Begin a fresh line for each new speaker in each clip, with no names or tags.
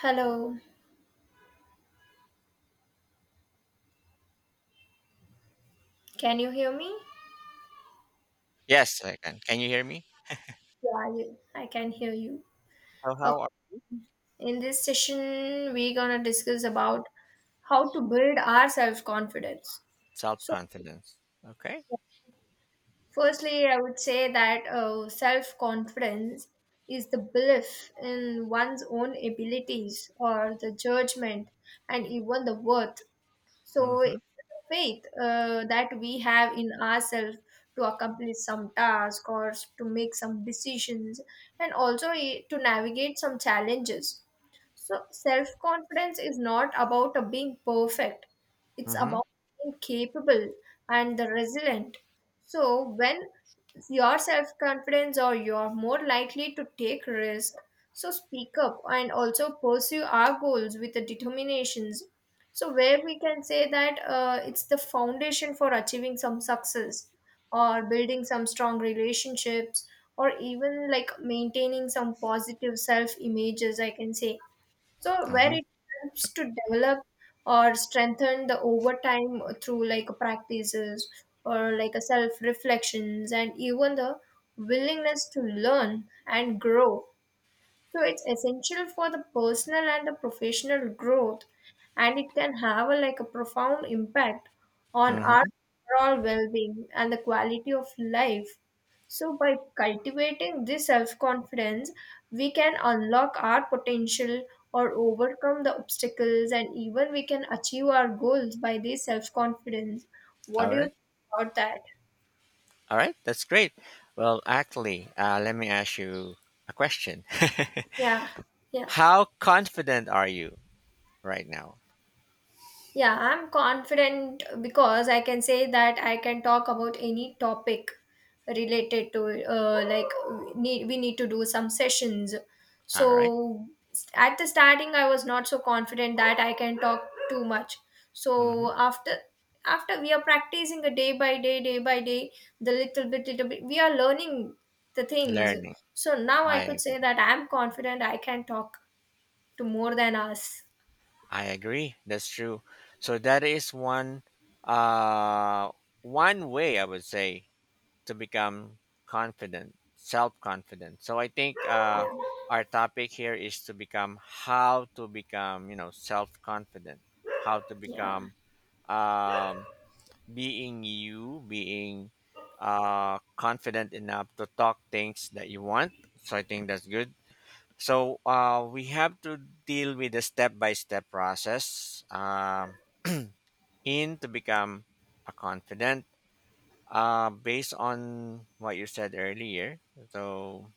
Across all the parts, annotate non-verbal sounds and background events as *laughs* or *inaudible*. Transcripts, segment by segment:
Hello, can you hear me?
Yes, I can. Can you hear me?
I can hear you.
So
Okay.
how are
In this session, we're gonna discuss about how to build our self-confidence. So,
self-confidence? Okay.
firstly, I would say that self-confidence is the belief in one's own abilities or the judgment and even the worth. So
Mm-hmm.
it's the faith that we have in ourselves to accomplish some task or to make some decisions and also to navigate some challenges. So self confidence is not about being perfect, it's
Mm-hmm.
about being capable and the resilient. So when your self confidence or you're more likely to take risk, so speak up and also pursue our goals with the determinations, so where we can say that it's the foundation for achieving some success or building some strong relationships or even like maintaining some positive self images, I can say. So where
Mm-hmm.
it helps to develop or strengthen the overtime through like practices or like a self reflections and even the willingness to learn and grow, so it's essential for the personal and the professional growth, and it can have a, like a profound impact on our
Mm-hmm.
overall well-being and the quality of life. So by cultivating this self-confidence, we can unlock our potential or overcome the obstacles, and even we can achieve our goals by this self-confidence. What
All
do you
right.
think about that?
All right. That's great. Well, actually, let me ask you a question.
Yeah,
*laughs*
yeah.
How confident are you right now?
yeah. I'm confident because I can say that I can talk about any topic related to like need we need to do some sessions.
All right.
So at the starting, I was not so confident that I can talk too much.
Mm-hmm.
So after we are practicing a day by day, the little bit, we are learning the things.
Learning.
So now I
I
could say
agree.
that I'm confident I can talk to more than us.
I agree. That's true. So that is uh one way I would say to become confident, self confident. So I think our topic here is to become how to become, you know, self confident, how to
Yeah,
become um, being you, being confident enough to talk things that you want. So I think that's good. So we have to deal with the step by step process in to become a confident based on what you said earlier, so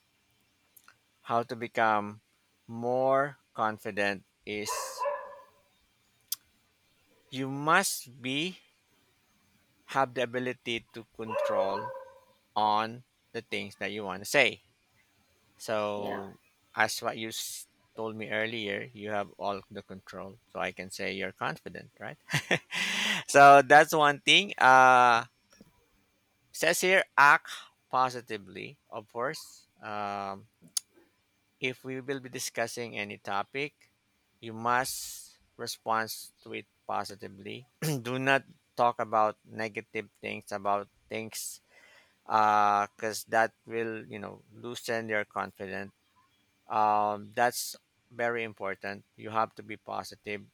how to become more confident is you must be have the ability to control on the things that you want to say.
yeah,
So as what told me earlier, you have all the control, so I can say you're confident, right? *laughs* So that's one thing. Says here, act positively, of course. If we will be discussing any topic, you must respond to it positively. *clears throat* Do not talk about negative things about things because that will, you know, loosen their confidence. That's very important. You have to be positive.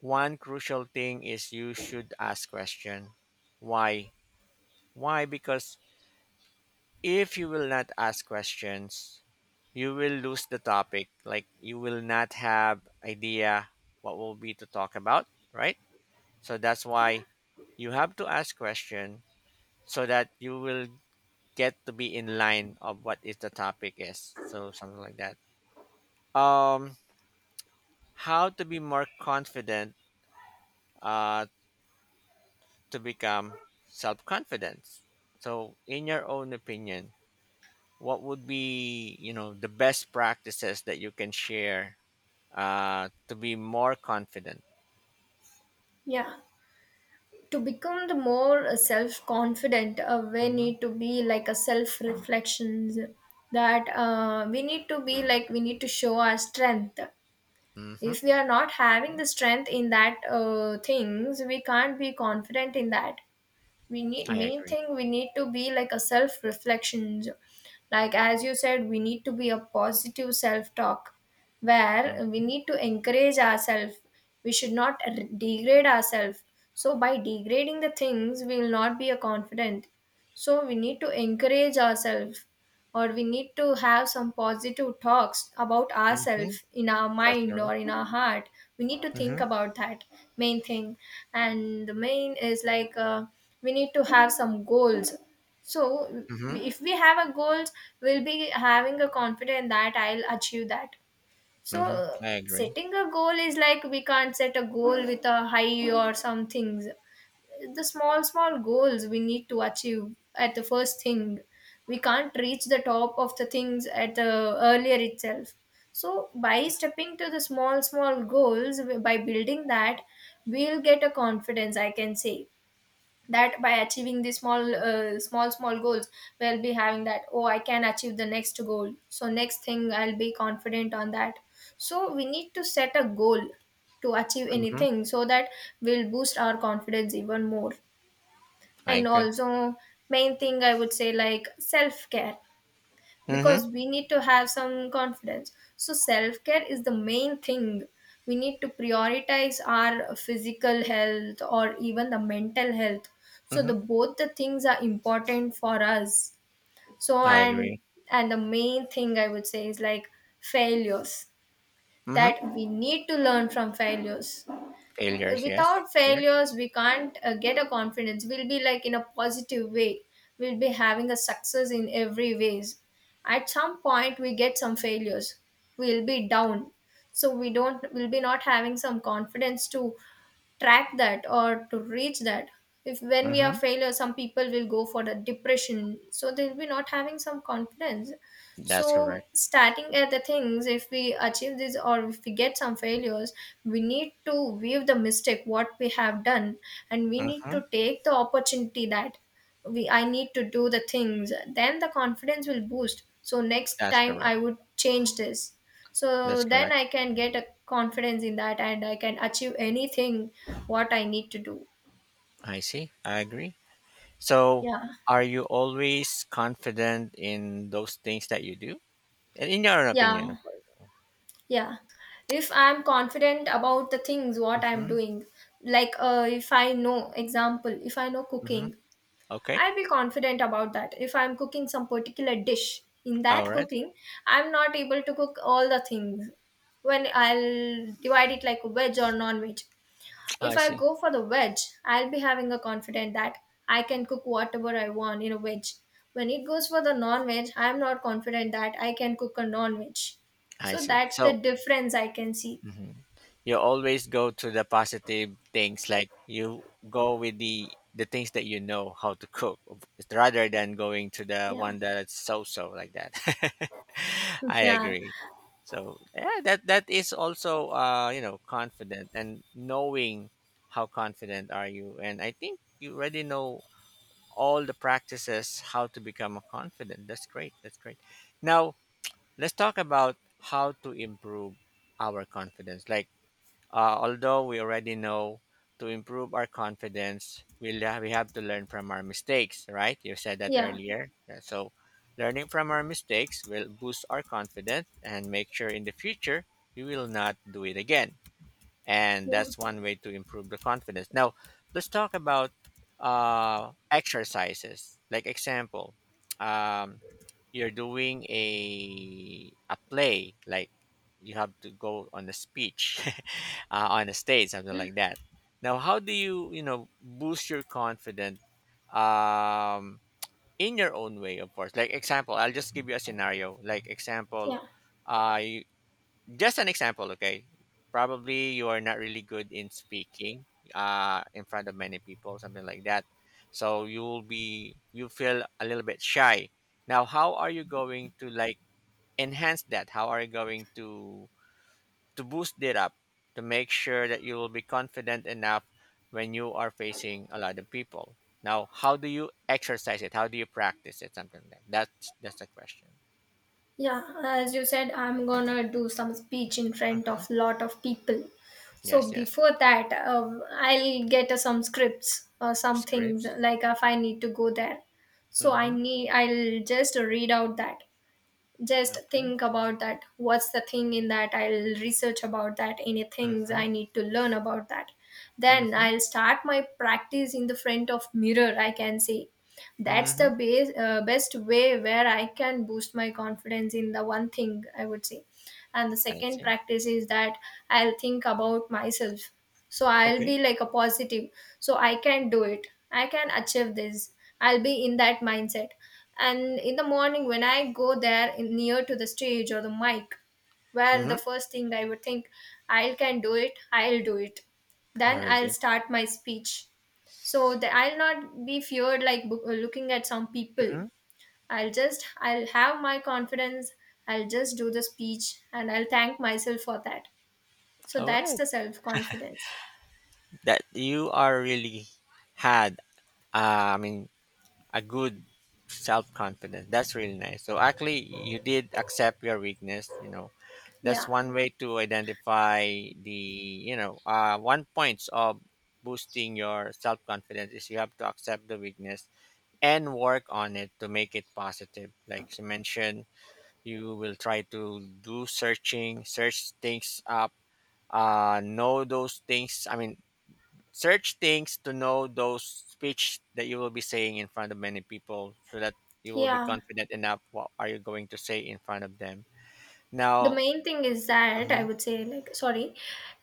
One crucial thing is you should ask question. Why? Why? Because if you will not ask questions, you will lose the topic. Like you will not have idea what will be to talk about, right? So that's why you have to ask question so that you will get to be in line of what is the topic is. So something like that. Um, how to be more confident uh, to become self confidence. So in your own opinion, what would be, you know, the best practices that you can share, to be more confident.
yeah. To become the more self-confident, we
Mhm.
need to be like a self-reflections, that we need to be like we need to show our strength.
Mhm.
If we are not having
Mhm.
the strength in that things, we can't be confident in that. We need,
I
main
agree.
thing, we need to be like a self reflection, like as you said, we need to be a positive self talk where
Mhm.
we need to encourage ourselves. We should not degrade ourselves, so by degrading the things we will not be a confident. So we need to encourage ourselves or we need to have some positive talks about
Mhm.
ourselves in our
That's
mind or
correct.
in our heart. We need to think
Mhm.
about that, main thing. And the main is like, we need to have some goals. So
Mhm.
if we have a goals, we'll be having a confidence that I'll achieve that. So
Mhm. I agree.
setting a goal is like we can't set a goal with a high or some things. The small small goals we need to achieve at the first thing. We can't reach the top of the things at the earlier itself. So by stepping to the small small goals, by building that, we'll get a confidence, I can say, that by achieving the small small small goals, we'll be having that, oh, I can achieve the next goal, so next thing I'll be confident on that. So we need to set a goal to achieve
Mhm.
anything, so that we'll boost our confidence even more.
I
And
could.
also, main thing I would say like self care,
Mhm.
because we need to have some confidence, so self care is the main thing. We need to prioritize our physical health or even the mental health, so the
Mhm.
both the things are important for us. So
I
and
agree.
and the main thing I would say is like failures,
Mhm.
that we need to learn from failures.
Failures, yes.
Without
Correct.
failures, we can't get a confidence. We'll be like in a positive way, we'll be having a success in every ways. At some point we get some failures, we'll be down, so we'll be not having some confidence to track that or to reach that. If when we are
Mhm.
failure, some people will go for the depression, so they'll be not having some confidence.
That's
So
correct.
starting at the things, if we achieve this or if we get some failures, we need to weave the mistake what we have done, and we need
Mhm.
to take the opportunity that we I need to do the things, then the confidence will boost, so next
That's
time I
correct.
would change this. So
That's
then
correct.
I can get a confidence in that and I can achieve anything what I need to do.
I see. I agree. So,
Yeah,
are you always confident in those things that you do? And in your own opinion,
yeah,
of course.
yeah. If I'm confident about the things what I'm
Mm-hmm.
doing, like if I know, example, if I know
Mm-hmm.
cooking,
Okay.
I'll be confident about that. If I'm cooking some particular dish, in
All
that
right.
cooking I'm not able to cook all the things. When I'll divide it like veg or non-veg, if
I
I
see.
go for the veg, I'll be having a confident that I can cook whatever I want in a veg. When it goes for the non-veg, I'm not confident that I can cook a non-veg.
I
So
see.
that's the
So,
difference I can see.
mhm. You always go to the positive things, like you go with the things that you know how to cook, rather than going to the
Yeah.
one that's so so like that. *laughs*
*laughs*
I
Yeah.
agree. So yeah, that that is also you know confident and knowing how confident are you, and I think you already know all the practices how to become a confident. That's great. That's great. Now let's talk about how to improve our confidence. Like although we already know to improve our confidence, we have to learn from our mistakes, right? You said that
Yeah.
earlier. Yeah, so, learning from our mistakes will boost our confidence and make sure in the future we will not do it again, and
Yeah.
that's one way to improve the confidence. Now let's talk about exercises like example, um, you're doing a play like you have to go on a speech *laughs* on a stage, something like that. Now how do you, you know, boost your confidence, um, in your own way, of course, like example, I'll just give you a scenario like example,
Yeah,
uh, just an example, okay? Probably you are not really good in speaking in front of many people, something like that. So you will be, you feel a little bit shy. Now, how are you going to like enhance that? How are you going to boost it up to make sure that you will be confident enough when you are facing a lot of people? Now, how do you exercise it? How do you practice it? Something like that. That's the question.
Yeah, as you said, I'm gonna do some speech in front
Hmm.
of lot of people. So
Yes, yes.
before that, I'll get some scripts or some things,
Scripts.
like if I need to go there. So
Mm-hmm.
I'll just read out that, just
Okay.
think about that what's the thing in that, I'll research about that, any things
Mhm.
I need to learn about that. Then
Mhm.
I'll start my practice in the front of mirror, I can say that's the
Mhm.
best way where I can boost my confidence in the one thing, I would say. And the
I
second
see.
practice is that I'll think about myself, so I'll be
Okay.
like a positive, so I can do it, I can achieve this, I'll be in that mindset. And in the morning when I go there in, near to the stage or the mic, where the
Mhm.
first thing I would think, I can do it, I'll do it, then
Very
I'll
good.
start my speech, so that I'll not be feared like looking at some people.
Mhm.
I'll have my confidence, I'll just do the speech and I'll thank myself for that. So
All
that's
right.
the self confidence.
That you are really had, I mean, a good self confidence. That's really nice. So actually, you did accept your weakness. You know, that's
Yeah,
one way to identify the, you know, one points of boosting your self confidence is you have to accept the weakness and work on it to make it positive. Like you mentioned, you will try to do search things up, know those things, I mean, search things to know those speech that you will be saying in front of many people, so that you will be
yeah,
confident enough what are you going to say in front of them now.
the main thing is that
Mhm.
I would say, like sorry,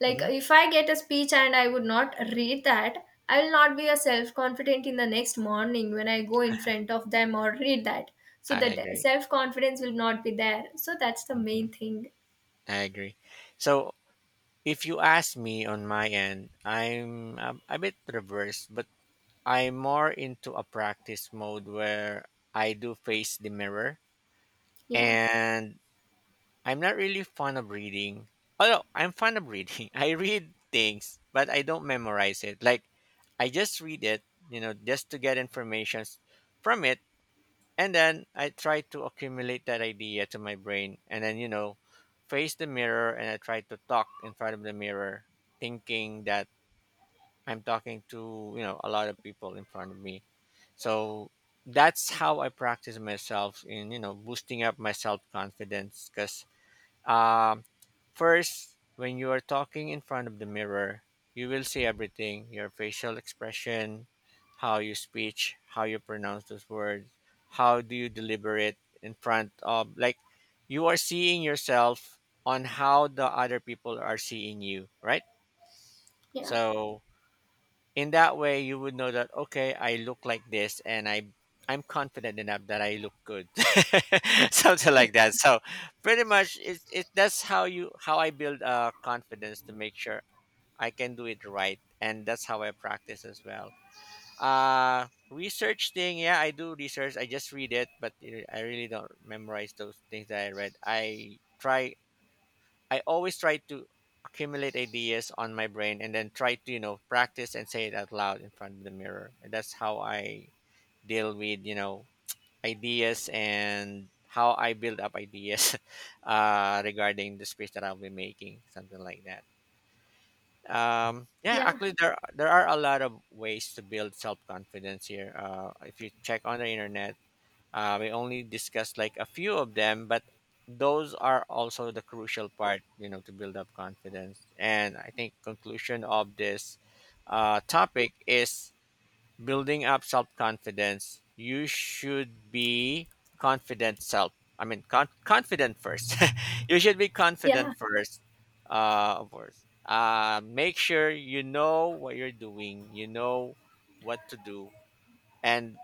like
Mhm.
if I get a speech and I would not read that, I will not be a self confident in the next morning when I go in front of them or read that. So
I
that
agree.
self confidence will not be there, so that's the
Mhm.
main thing.
I agree. So if you ask me on my end, I'm a bit reversed, but I'm more into a practice mode where I do face the mirror,
Yeah.
and I'm not really fond of reading. Although I'm fond of reading, *laughs* I read things, but I don't memorize it. Like I just read it, you know, just to get information from it, and then I try to accumulate that idea to my brain, and then, you know, face the mirror, and I try to talk in front of the mirror, thinking that I'm talking to, you know, a lot of people in front of me. So that's how I practice myself in, you know, boosting up my self confidence because um, first, when you are talking in front of the mirror, you will see everything, your facial expression, how you speech, how you pronounce those words, how do you deliver it in front of like you are seeing yourself on how the other people are seeing you, right?
Yeah.
So in that way you would know that okay I look like this and I'm confident enough that I look good *laughs* something like that. So pretty much it, that's how you how I build confidence to make sure I can do it right, and that's how I practice as well. Research thing, yeah, I do research, I just read it, but I really don't memorize those things that I read. I try, I always try to accumulate ideas on my brain and then try to, you know, practice and say it out loud in front of the mirror. And that's how I deal with, you know, ideas and how I build up ideas *laughs* regarding the speech that I'll be making, something like that. Um, yeah,
Yeah.
actually, there there are a lot of ways to build self confidence here. If you check on the internet, we only discussed like a few of them, but those are also the crucial part, you know, to build up confidence. And I think conclusion of this topic is building up self confidence. You should be confident self. I mean, confident first. *laughs* You should be
Yeah.
confident first. Of course. Make sure you know what you're doing. You know what to do, and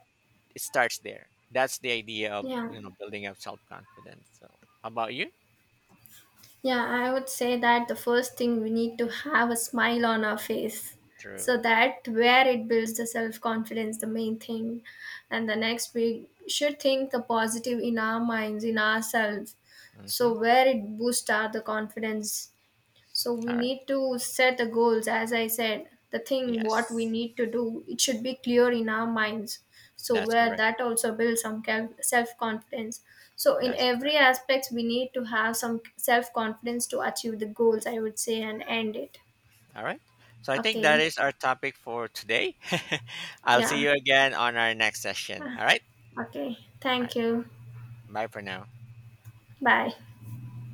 it starts there. That's the idea of,
Yeah,
you know, building up self confidence. So, how about you?
Yeah, I would say that the first thing we need to have a smile on our face. So
True.
that where it builds the self confidence, the main thing. And the next, we should think the positive in our minds, in ourselves. So
Mm-hmm.
where it boosts our the confidence, so we
All right.
need to set the goals, as I said, the thing what we
Yes,
need to do, it should be clear in our minds. So
that's
where
correct.
that also builds some self confidence. So in
That's
every
correct.
aspects we need to have some self confidence to achieve the goals, I would say, and end it.
All right. So I think that
Okay.
is our topic for today. *laughs* I'll see
Yeah.
you again on our next session.
Ah,
All right.
okay,
All
thank
right.
you.
Bye for now.
Bye.